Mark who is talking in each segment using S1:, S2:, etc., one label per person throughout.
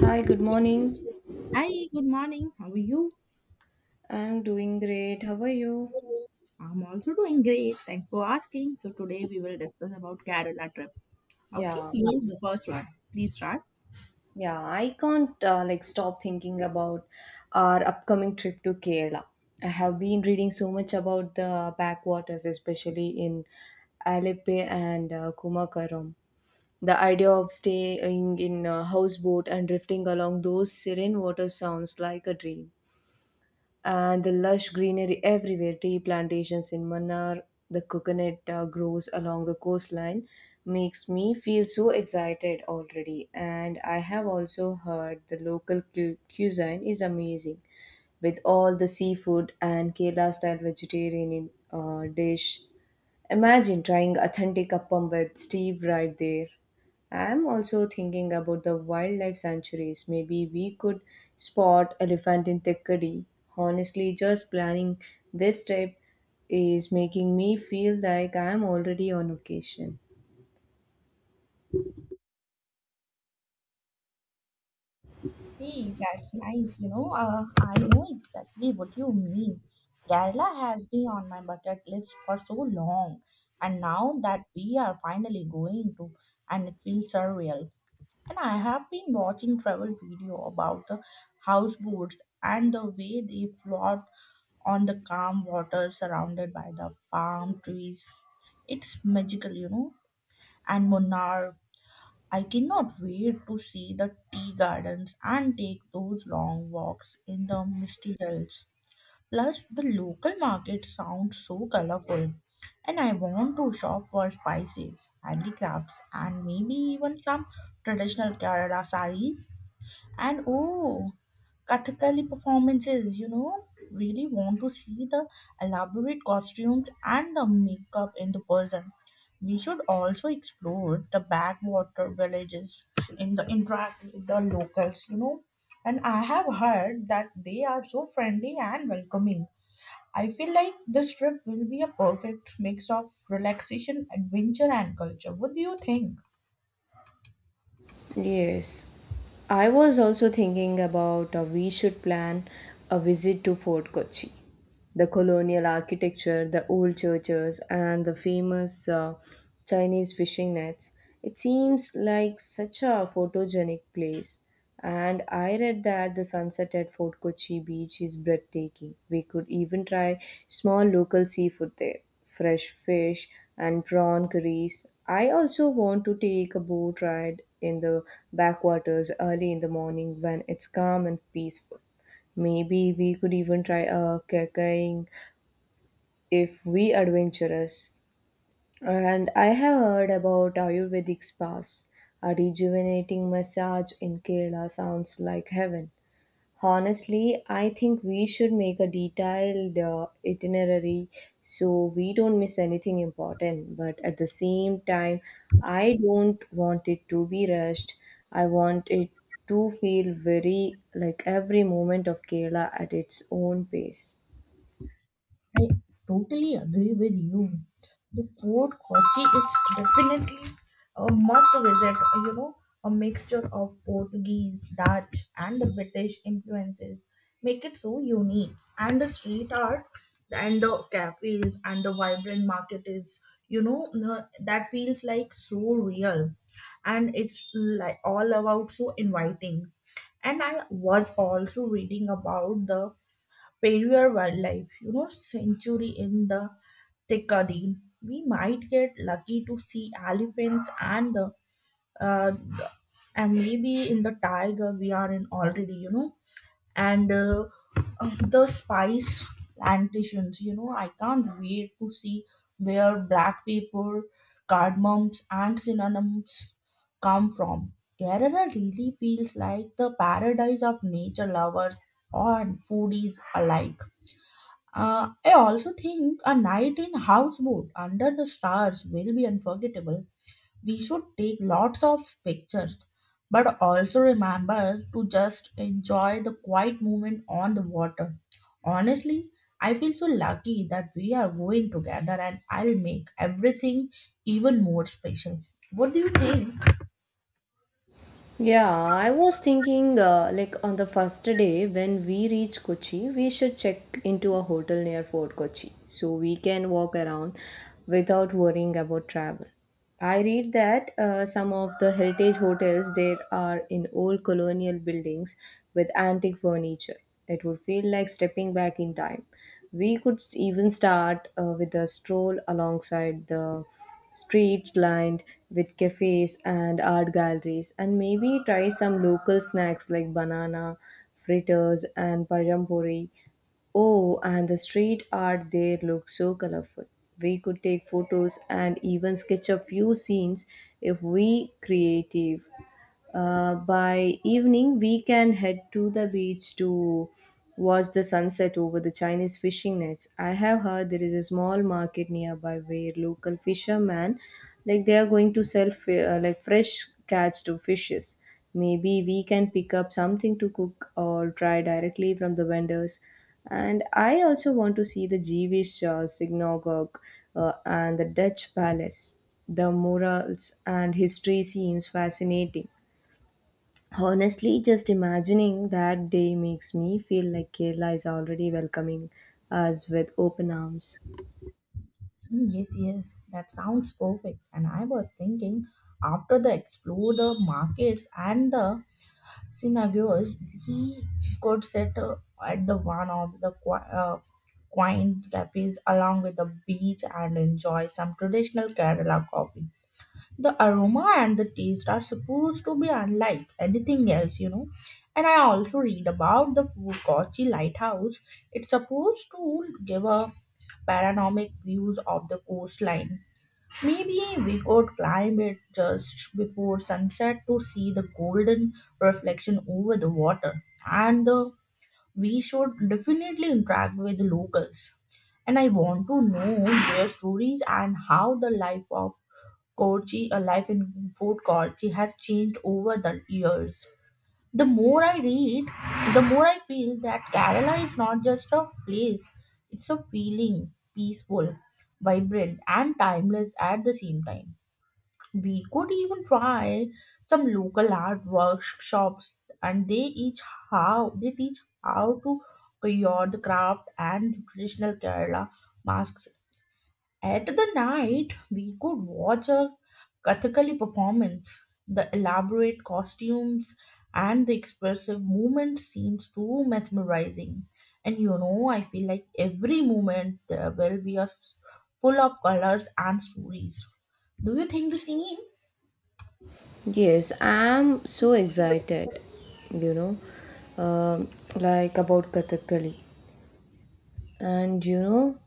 S1: Hi, good morning.
S2: Hi, good morning. How are you?
S1: I'm doing great. How are you?
S2: I'm also doing great. Thanks for asking. So today we will discuss about Kerala trip. Okay,
S1: Yeah,
S2: you the first one. Please start.
S1: yeah, I can't like stop thinking about our upcoming trip to Kerala. I have been reading so much about the backwaters, especially in Alappuzha and Kumakaram. The idea of staying in a houseboat and drifting along those serene waters sounds like a dream. And the lush greenery everywhere, tea plantations in Mannar, the coconut groves along the coastline makes me feel so excited already. And I have also heard the local cuisine is amazing with all the seafood and Kerala style vegetarian dish. Imagine trying authentic appam with Steve right there. I'm also thinking about the wildlife sanctuaries. Maybe we could spot elephant in Thikkadi. Honestly, just planning this trip is making me feel like I'm already on vacation.
S2: Hey, that's nice. I know exactly what you mean. Kerala has been on my bucket list for so long, and now that we are finally going to, and it feels surreal. And I have been watching travel video about the houseboats and the way they float on the calm water surrounded by the palm trees. It's magical. And Munnar, I cannot wait to see the tea gardens and take those long walks in the misty hills. Plus, the local market sounds so colorful, and I want to shop for spices, handicrafts, and maybe even some traditional Kerala sarees. And oh, Kathakali performances, really want to see the elaborate costumes and the makeup in the person. We should also explore the backwater villages in the interact with the locals. And I have heard that they are so friendly and welcoming. I feel like this trip will be a perfect mix of relaxation, adventure, and culture. What do you think?
S1: Yes, I was also thinking about we should plan a visit to Fort Kochi. The colonial architecture, the old churches, and the famous Chinese fishing nets. It seems like such a photogenic place. And I read that the sunset at Fort Kochi beach is breathtaking. We could even try small local seafood there, fresh fish and prawn curries. I also want to take a boat ride in the backwaters early in the morning when it's calm and peaceful. Maybe we could even try a kayaking if we adventurous. And I have heard about Ayurvedic spas. A rejuvenating massage in Kerala sounds like heaven. Honestly, I think we should make a detailed itinerary so we don't miss anything important. But at the same time, I don't want it to be rushed. I want it to feel very like every moment of Kerala at its own pace.
S2: I totally agree with you. The Fort Kochi is definitely a must visit, you know, a mixture of Portuguese, Dutch, and the British influences make it so unique. And the street art and the cafes and the vibrant market is, that feels like so real. And it's like all about so inviting. And I was also reading about the Perrier Wildlife Sanctuary in the Deccan. We might get lucky to see elephants uh, the- and maybe in the tiger we are in already and the spice plantations I can't wait to see where black pepper cardamoms and cinnamons come from. Kerala really feels like the paradise of nature lovers and foodies alike. I also think a night in houseboat under the stars will be unforgettable. We should take lots of pictures, but also remember to just enjoy the quiet moment on the water. Honestly, I feel so lucky that we are going together and I'll make everything even more special. What do you think?
S1: Yeah, I was thinking like on the first day when we reach Kochi, we should check into a hotel near Fort Kochi so we can walk around without worrying about travel. I read that some of the heritage hotels there are in old colonial buildings with antique furniture. It would feel like stepping back in time. We could even start with a stroll alongside the street lined with cafes and art galleries, and maybe try some local snacks like banana fritters and pajampuri. Oh, and the street art there looks so colorful. We could take photos and even sketch a few scenes if we creative. By evening, we can head to the beach to watch the sunset over the Chinese fishing nets. I have heard there is a small market nearby where local fishermen, like they are going to sell like fresh catch to fishes. Maybe we can pick up something to cook or try directly from the vendors. And I also want to see the Jewish synagogue and the Dutch palace. The murals and history seems fascinating. Honestly, just imagining that day makes me feel like Kerala is already welcoming us with open arms.
S2: Mm, yes, yes, that sounds perfect. And I was thinking after the explore the markets and the scenarios, we could sit at the one of the quaint cafes along with the beach and enjoy some traditional Kerala coffee. The aroma and the taste are supposed to be unlike anything else. And I also read about the Kochi lighthouse. It's supposed to give a panoramic views of the coastline. Maybe we could climb it just before sunset to see the golden reflection over the water. And the, we should definitely interact with the locals. And I want to know their stories and how the life of Kochi, a life in Fort Kochi, has changed over the years. The more I read, the more I feel that Kerala is not just a place, it's a feeling, peaceful, vibrant, and timeless at the same time. We could even try some local art workshops and they each how they teach how to cure the craft and traditional Kerala masks. At the night we could watch a Kathakali performance. The elaborate costumes and the expressive movement seems too mesmerizing. And I feel like every moment there will be a full of colors and stories. Do you think the same?
S1: Yes, I'm so excited, you know, like about Kathakali. And you know,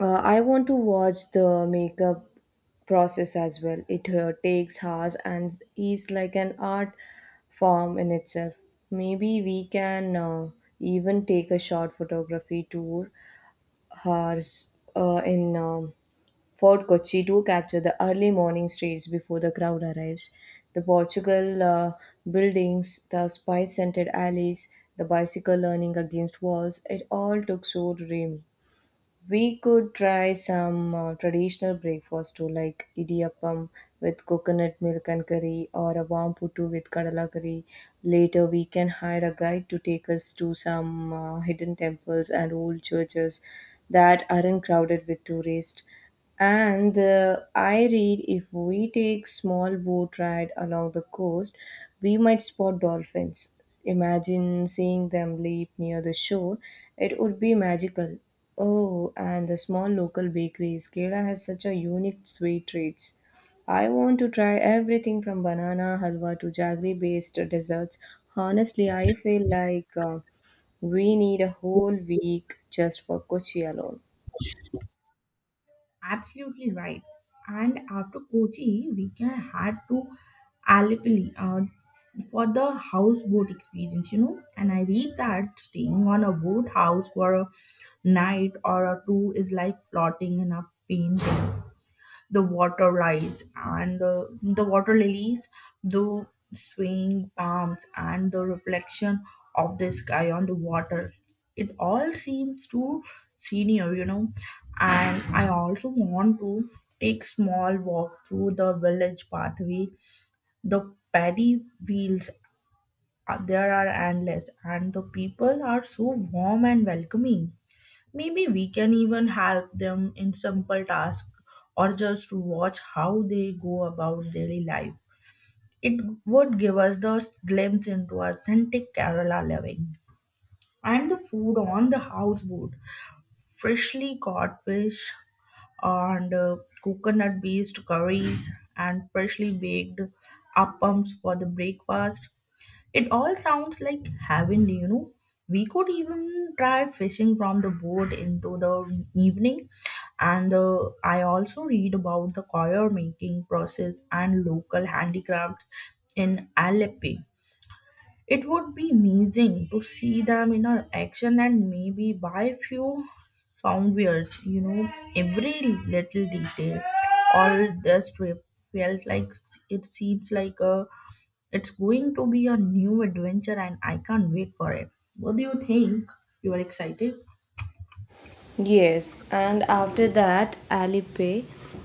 S1: I want to watch the makeup process as well. It takes hours and is like an art form in itself. Maybe we can even take a short photography tour hours in Fort Kochi to capture the early morning streets before the crowd arrives. The Portugal buildings, the spice scented alleys, the bicycle leaning against walls, it all took so dreamy. We could try some traditional breakfast too, like idiyappam with coconut milk and curry, or a warm puttu with kadala curry. Later, we can hire a guide to take us to some hidden temples and old churches that aren't crowded with tourists. And I read if we take small boat ride along the coast, we might spot dolphins. Imagine seeing them leap near the shore. It would be magical. Oh, and the small local bakery, Skeda, has such a unique sweet treats. I want to try everything from banana halwa to jaggery-based desserts. Honestly, I feel like we need a whole week just for Kochi alone.
S2: Absolutely right. And after Kochi, we can head to Alipali for the houseboat experience. And I read that staying on a boathouse for a night or a two is like floating in a painting the water rise and the water lilies, the swaying palms, and the reflection of the sky on the water. It all seems too senior. And I also want to take small walk through the village pathway. The paddy fields there are endless, and the people are so warm and welcoming. Maybe we can even help them in simple tasks or just watch how they go about daily life. It would give us the glimpse into authentic Kerala living. And the food on the houseboat freshly caught fish and coconut based curries and freshly baked appams for the breakfast. It all sounds like heaven. We could even try fishing from the boat into the evening. And I also read about the coir making process and local handicrafts in Aleppo. It would be amazing to see them in a action and maybe buy a few soundwares, every little detail. All this trip felt like it seems like a it's going to be a new adventure and I can't wait for it. What do you think? You are excited?
S1: Yes, and after that, Alipay,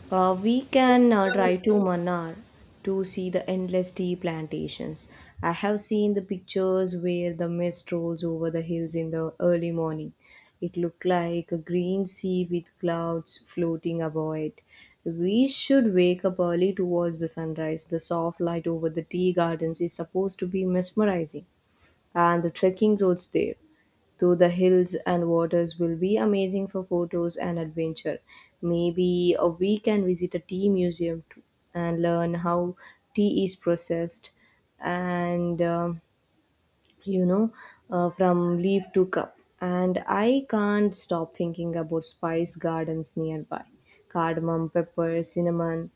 S1: we can drive to Manar to see the endless tea plantations. I have seen the pictures where the mist rolls over the hills in the early morning. It looked like a green sea with clouds floating above it. We should wake up early to watch the sunrise. The soft light over the tea gardens is supposed to be mesmerizing, and the trekking roads there though the hills and waters will be amazing for photos and adventure. Maybe we can visit a tea museum too and learn how tea is processed and you know from leaf to cup. And I can't stop thinking about spice gardens nearby. Cardamom, pepper, cinnamon.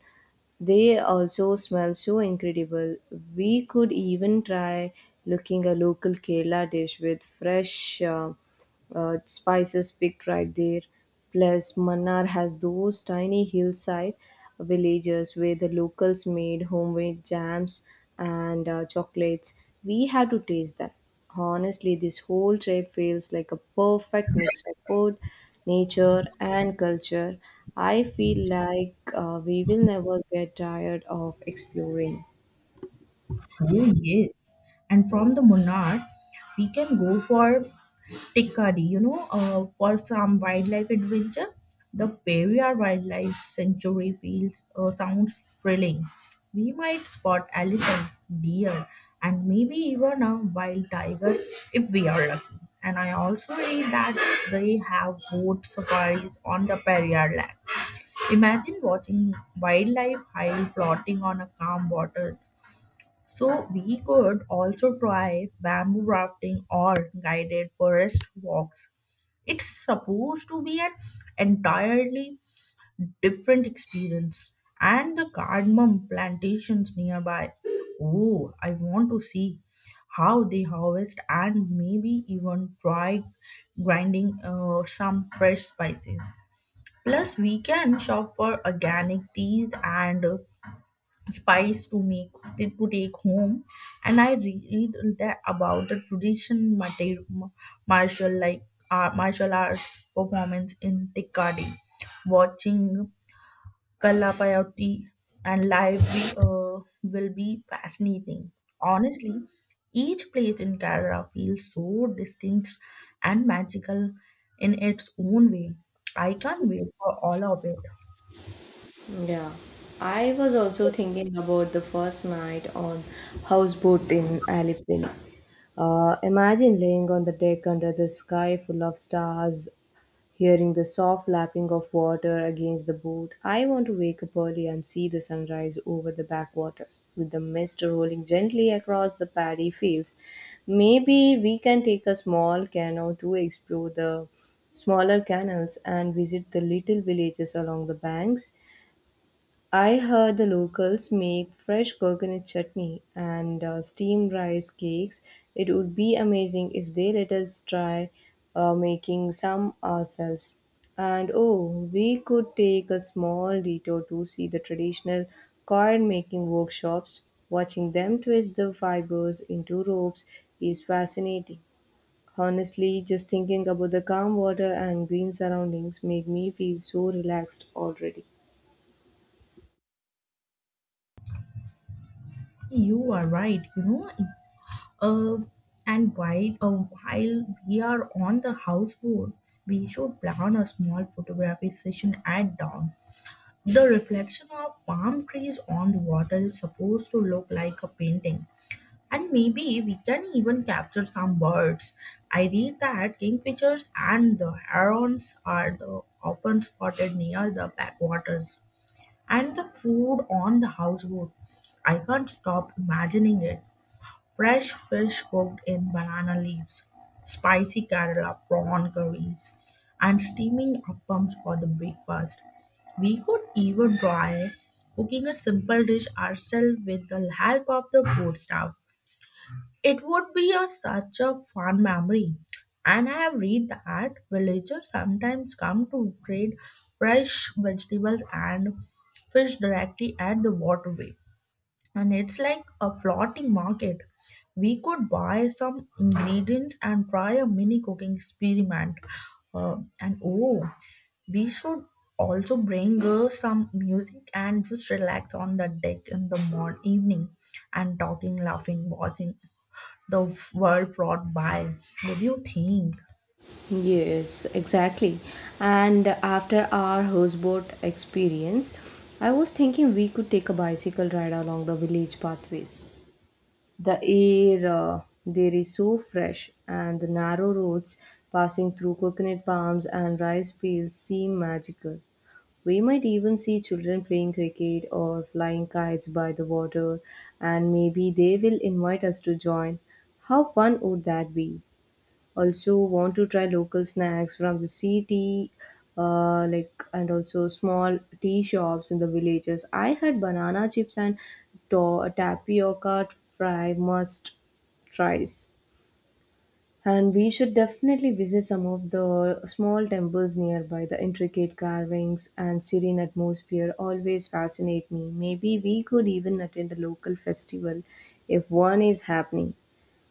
S1: They also smell so incredible. We could even try looking a local Kerala dish with fresh spices picked right there. Plus, Mannar has those tiny hillside villages where the locals made homemade jams and chocolates. We had to taste that. Honestly, this whole trip feels like a perfect mix of food, nature, and culture. I feel like we will never get tired of exploring.
S2: Oh, yes. And from the Munnar, we can go for Tikadi, for some wildlife adventure. The Periyar Wildlife Sanctuary feels sounds thrilling. We might spot elephants, deer, and maybe even a wild tiger if we are lucky. And I also read that they have boat safaris on the Periyar land. Imagine watching wildlife hide floating on a calm waters. So we could also try bamboo rafting or guided forest walks. It's supposed to be an entirely different experience. And the cardamom plantations nearby. Oh, I want to see how they harvest and maybe even try grinding some fresh spices. Plus, we can shop for organic teas and spice to make to take home. And I read that about the tradition martial like martial arts performance in Tikadi, watching Kalapayati and live will be fascinating. Honestly, each place in Kerala feels so distinct and magical in its own way. I can't wait for all of it.
S1: Yeah, I was also thinking about the first night on houseboat in Alipin. Imagine laying on the deck under the sky full of stars, hearing the soft lapping of water against the boat. I want to wake up early and see the sunrise over the backwaters, with the mist rolling gently across the paddy fields. Maybe we can take a small canoe to explore the smaller canals and visit the little villages along the banks. I heard the locals make fresh coconut chutney and steamed rice cakes. It would be amazing if they let us try making some ourselves. And oh, we could take a small detour to see the traditional coin making workshops. Watching them twist the fibers into ropes is fascinating. Honestly, just thinking about the calm water and green surroundings make me feel so relaxed already.
S2: You are right. Uh, and while we are on the houseboat, we should plan a small photography session at dawn. The reflection of palm trees on the water is supposed to look like a painting. And maybe we can even capture some birds. I read that kingfishers and the herons are the often spotted near the backwaters. And the food on the houseboat. I can't stop imagining it. Fresh fish cooked in banana leaves, spicy Kerala prawn curries, and steaming appams for the breakfast. We could even try cooking a simple dish ourselves with the help of the board staff. It would be such a fun memory. And I have read that villagers sometimes come to trade fresh vegetables and fish directly at the waterway and it's like a floating market. We could buy some ingredients and try a mini cooking experiment. And oh, we should also bring some music and just relax on the deck in the morning evening and talking, laughing, watching the world float by. What do you think?
S1: Yes, exactly. And after our houseboat experience, I was thinking we could take a bicycle ride along the village pathways. The air there is so fresh, and the narrow roads passing through coconut palms and rice fields seem magical. We might even see children playing cricket or flying kites by the water, and maybe they will invite us to join. How fun would that be? Also want to try local snacks from the city, like and also small tea shops in the villages. I had banana chips and tapioca fry must tries. And we should definitely visit some of the small temples nearby. The intricate carvings and serene atmosphere always fascinate me. Maybe we could even attend a local festival if one is happening.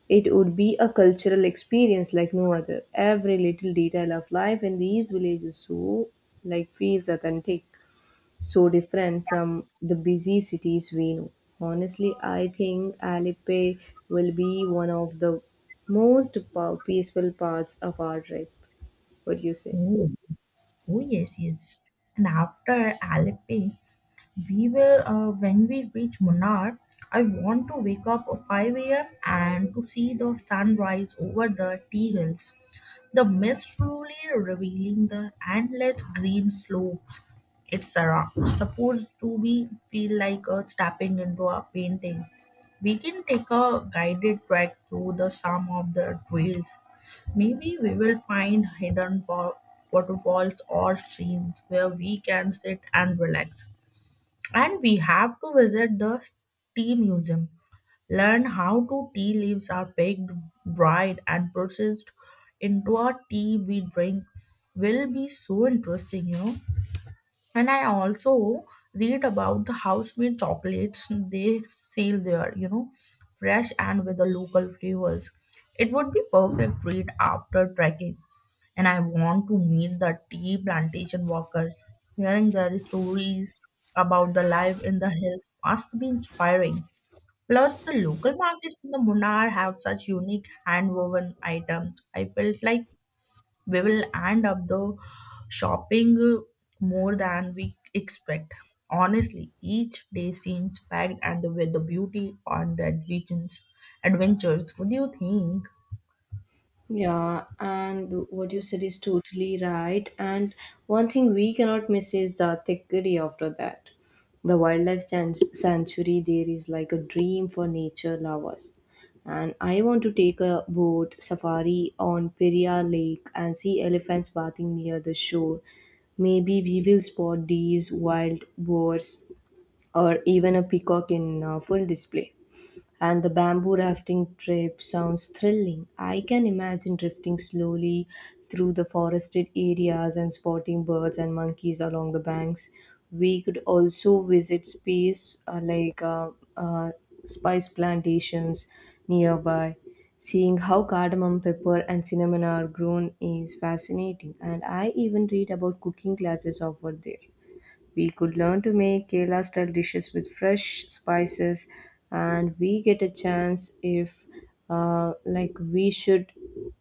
S1: It would be a cultural experience like no other. Every little detail of life in these villages so like feels authentic, so different from the busy cities we know. Honestly, I think Alipe will be one of the peaceful parts of our trip. What do you say?
S2: Oh, oh yes, yes. And after Alepe, we will when we reach Munnar, I want to wake up at 5 a.m. and to see the sunrise over the tea hills. The mist slowly revealing the endless green slopes. It's supposed to be feel like stepping into a painting. We can take a guided trek through the some of the trails. Maybe we will find hidden waterfalls or streams where we can sit and relax. And we have to visit the tea museum, learn how to tea leaves are picked, dried, and processed into a tea we drink. Will be so interesting. And I also read about the house-made chocolates they sell there, fresh and with the local flavors. It would be perfect treat after trekking. And I want to meet the tea plantation workers. Hearing their stories about the life in the hills must be inspiring. Plus, the local markets in the Munnar have such unique hand-woven items. I felt like we will end up the shopping more than we expect. Honestly, each day seems packed and with the beauty on the adventures. Adventures. What do you think?
S1: Yeah, and what you said is totally right. And one thing we cannot miss is the Thikkadi after that. The wildlife sanctuary there is like a dream for nature lovers. And I want to take a boat safari on Periyar Lake and see elephants bathing near the shore. Maybe we will spot these wild boars or even a peacock in full display. And the bamboo rafting trip sounds thrilling. I can imagine drifting slowly through the forested areas and spotting birds and monkeys along the banks. We could also visit space like uh, spice plantations nearby. Seeing how cardamom pepper and cinnamon are grown is fascinating, and I even read about cooking classes offered there. We could learn to make Kerala style dishes with fresh spices, and we get a chance if, like, we should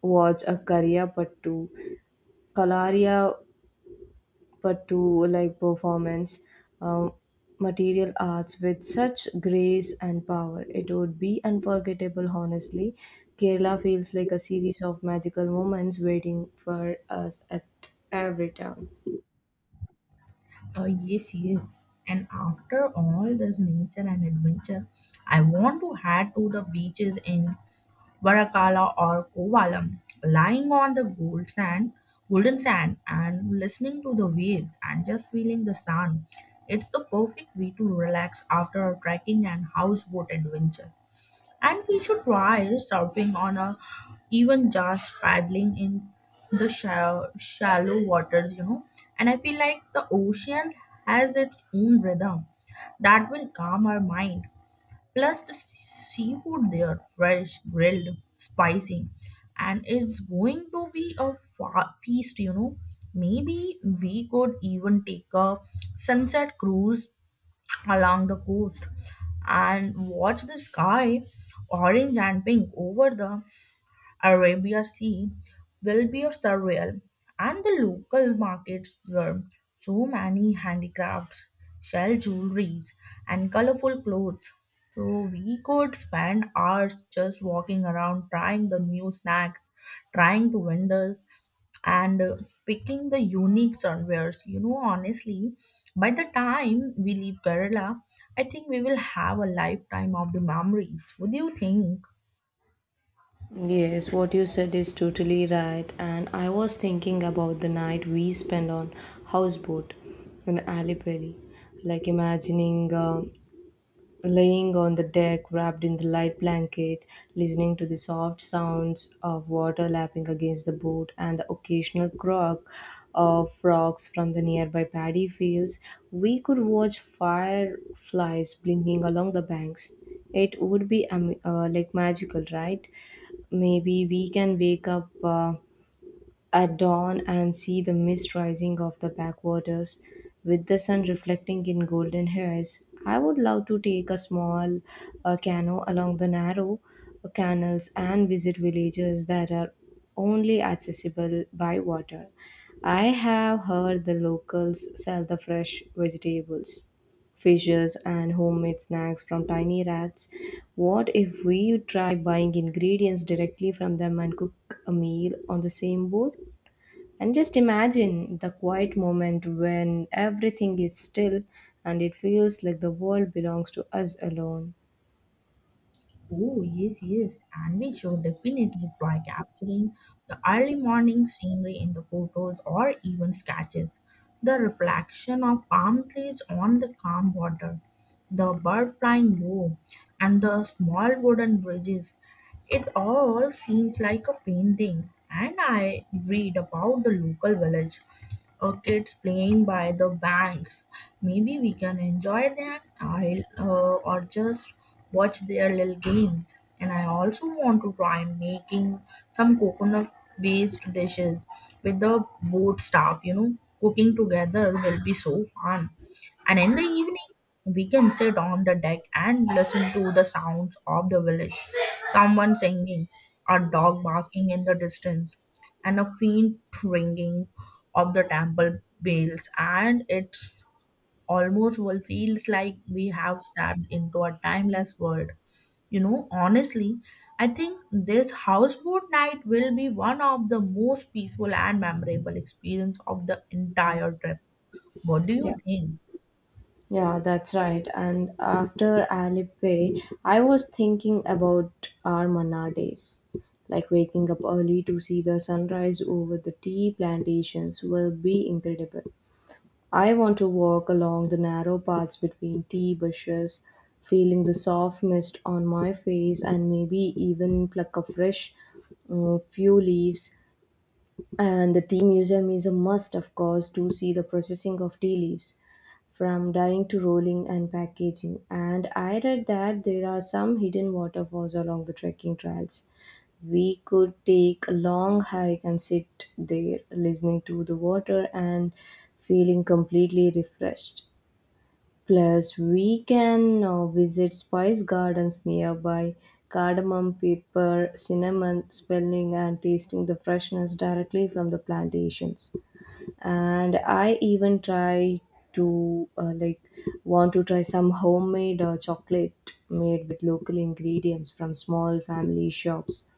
S1: watch a Kalaria Pattu like performance, um, material arts with such grace and power. It would be unforgettable, honestly. Kerala feels like a series of magical moments waiting for us at every turn.
S2: Yes, yes. And after all this nature and adventure, I want to head to the beaches in Varakala or Kovalam, lying on the golden sand, and listening to the waves and just feeling the sun. It's the perfect way to relax after a trekking and houseboat adventure. And we should try surfing on a even just paddling in the shallow, shallow waters. And I feel like the ocean has its own rhythm that will calm our mind. Plus, the seafood there, fresh, grilled, spicy, and it's going to be a feast. Maybe we could even take a sunset cruise along the coast and watch the sky orange and pink over the Arabia Sea will be of surreal, and the local markets were so many handicrafts, shell jewelries, and colorful clothes. So we could spend hours just walking around, trying the new snacks, trying the vendors, and picking the unique sunwares. You know, honestly, by the time we leave Kerala, I think we will have a lifetime of the memories. What do you think?
S1: Yes, what you said is totally right. And I was thinking about the night we spent on houseboat in Alipelli, like imagining laying on the deck wrapped in the light blanket, listening to the soft sounds of water lapping against the boat and the occasional croak of frogs from the nearby paddy fields. We could watch fireflies blinking along the banks. It would be like magical, right? Maybe we can wake up at dawn and see the mist rising off the backwaters with the sun reflecting in golden hairs. I would love to take a small canoe along the narrow canals and visit villages that are only accessible by water. I have heard the locals sell the fresh vegetables fishes, and homemade snacks from tiny rats. What if we try buying ingredients directly from them and cook a meal on the same boat? And just imagine the quiet moment when everything is still and it feels like the world belongs to us alone.
S2: Oh, yes, yes. And we should definitely try capturing the early morning scenery in the photos or even sketches. The reflection of palm trees on the calm water, the bird flying low, and the small wooden bridges. It all seems like a painting, and I read about the local village or kids playing by the banks. Maybe we can enjoy them or just watch their little games. And I also want to try making some coconut based dishes with the boat staff, you know, cooking together will be so fun. And in the evening, we can sit on the deck and listen to the sounds of the village. Someone singing, a dog barking in the distance, and a faint ringing of the temple bells. And it almost well feels like we have stepped into a timeless world. You know, honestly, I think this houseboat night will be one of the most peaceful and memorable experience of the entire trip. What do you
S1: Yeah.
S2: think?
S1: Yeah, that's right. And after Alipay, I was thinking about our Manna days, like waking up early to see the sunrise over the tea plantations will be incredible. I want to walk along the narrow paths between tea bushes, feeling the soft mist on my face, and maybe even pluck a fresh few leaves. And the tea museum is a must, of course, to see the processing of tea leaves from dyeing to rolling and packaging. And I read that there are some hidden waterfalls along the trekking trails. We could take a long hike and sit there listening to the water and feeling completely refreshed. Plus, we can visit spice gardens nearby, cardamom, pepper, cinnamon, smelling and tasting the freshness directly from the plantations. And I even try to, want to try some homemade chocolate made with local ingredients from small family shops.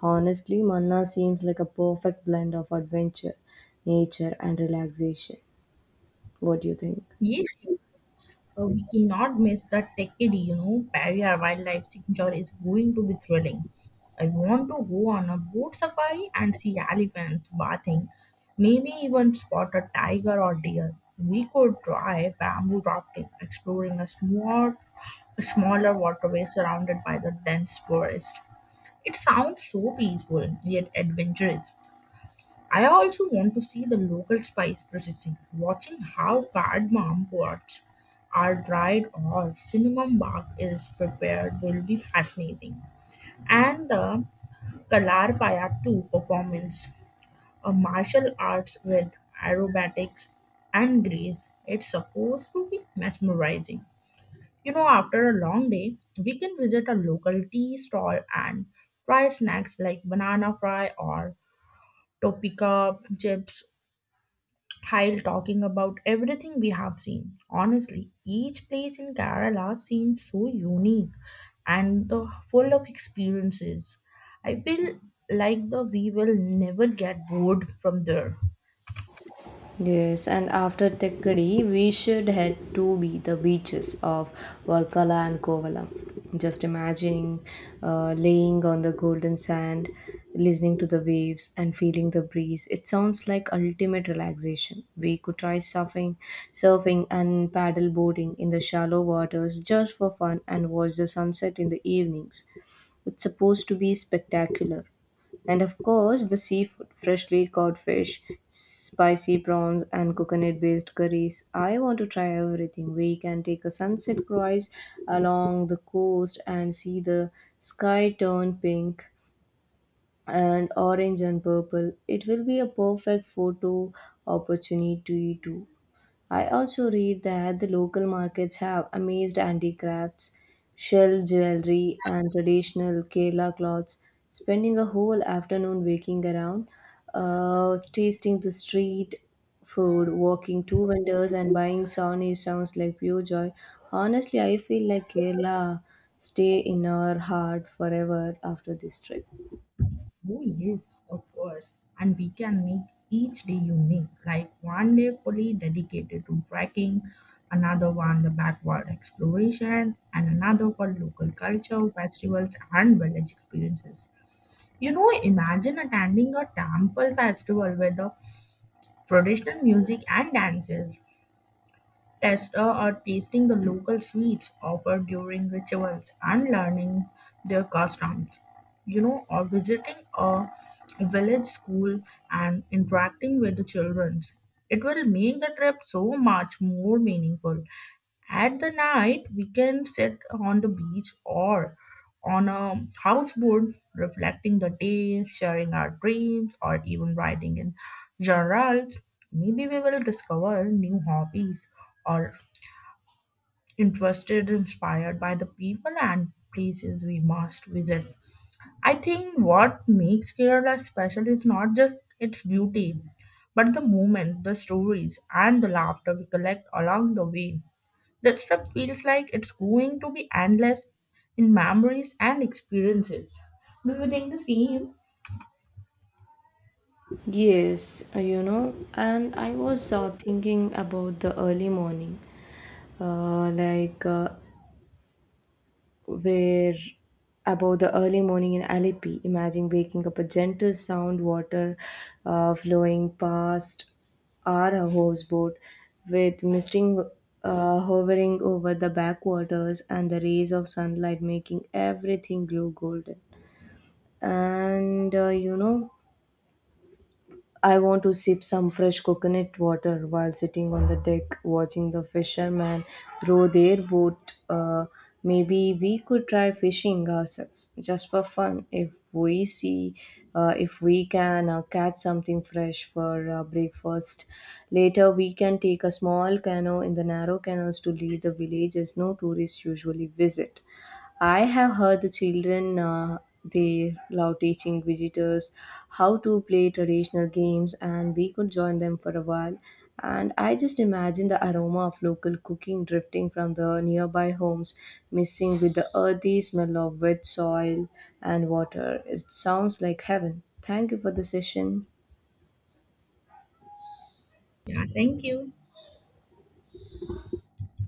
S1: Honestly, Manna seems like a perfect blend of adventure, nature, and relaxation. What do you think?
S2: Yes, we cannot miss the Decade, you know, barrier wildlife signature is going to be thrilling. I want to go on a boat safari and see elephants bathing, maybe even spot a tiger or deer. We could try bamboo rafting, exploring a smaller waterway surrounded by the dense forest. It sounds so peaceful yet adventurous. I also want to see the local spice processing, watching how cardamom pods are dried or cinnamon bark is prepared will be fascinating. And the Kalarpaya 2 performance, a martial arts with aerobatics and grace, it's supposed to be mesmerizing. You know, after a long day, we can visit a local tea stall and try snacks like banana fry or Topika chips while talking about everything we have seen. Honestly, each place in Kerala seems so unique and the full of experiences. I feel like the we will never get bored from there.
S1: Yes, and after Tekkady, we should head to be the beaches of Varkala and Kovalam. Just imagining laying on the golden sand, listening to the waves, and feeling the breeze. It sounds like ultimate relaxation. We could try surfing and paddle boarding in the shallow waters just for fun and watch the sunset in the evenings. It's supposed to be spectacular. And of course, the seafood, freshly caught fish, spicy prawns, and coconut based curries. I want to try everything. We can take a sunset cruise along the coast and see the sky turn pink and orange and purple. It will be a perfect photo opportunity, too. I also read that the local markets have amazed handicrafts, shell jewelry, and traditional Kerala clothes. Spending a whole afternoon walking around, tasting the street food, walking to vendors, and buying sauni sounds like pure joy. Honestly, I feel like Kerala stay in our heart forever after this trip.
S2: Oh, yes, of course. And we can make each day unique, like one day fully dedicated to trekking, another one the backward exploration, and another for local culture, festivals, and village experiences. You know, imagine attending a temple festival with the traditional music and dances, or tasting the local sweets offered during rituals and learning their customs. You know, or visiting a village school and interacting with the children. It will make the trip so much more meaningful. At the night, we can sit on the beach or on a houseboat, reflecting the day, sharing our dreams, or even writing in journals, maybe we will discover new hobbies or interested inspired by the people and places we must visit. I think what makes Kerala special is not just its beauty, but the moment, the stories, and the laughter we collect along the way. That trip feels like it's going to be endless in memories and experiences. Do you think the same?
S1: Yes, you know, and I was thinking about the early morning. Like where About the early morning in Alleppey, imagine waking up a gentle sound, water flowing past our houseboat, with misting hovering over the backwaters and the rays of sunlight making everything glow golden. And you know, I want to sip some fresh coconut water while sitting on the deck watching the fishermen row their boat. Maybe we could try fishing ourselves just for fun if we see if we can catch something fresh for breakfast. Later, we can take a small canoe in the narrow canals to lead the villages no tourists usually visit. I have heard the children they love teaching visitors how to play traditional games, and we could join them for a while. And I just imagine the aroma of local cooking drifting from the nearby homes, mixing with the earthy smell of wet soil and water. It sounds like heaven. Thank you for the session.
S2: Yeah, thank you.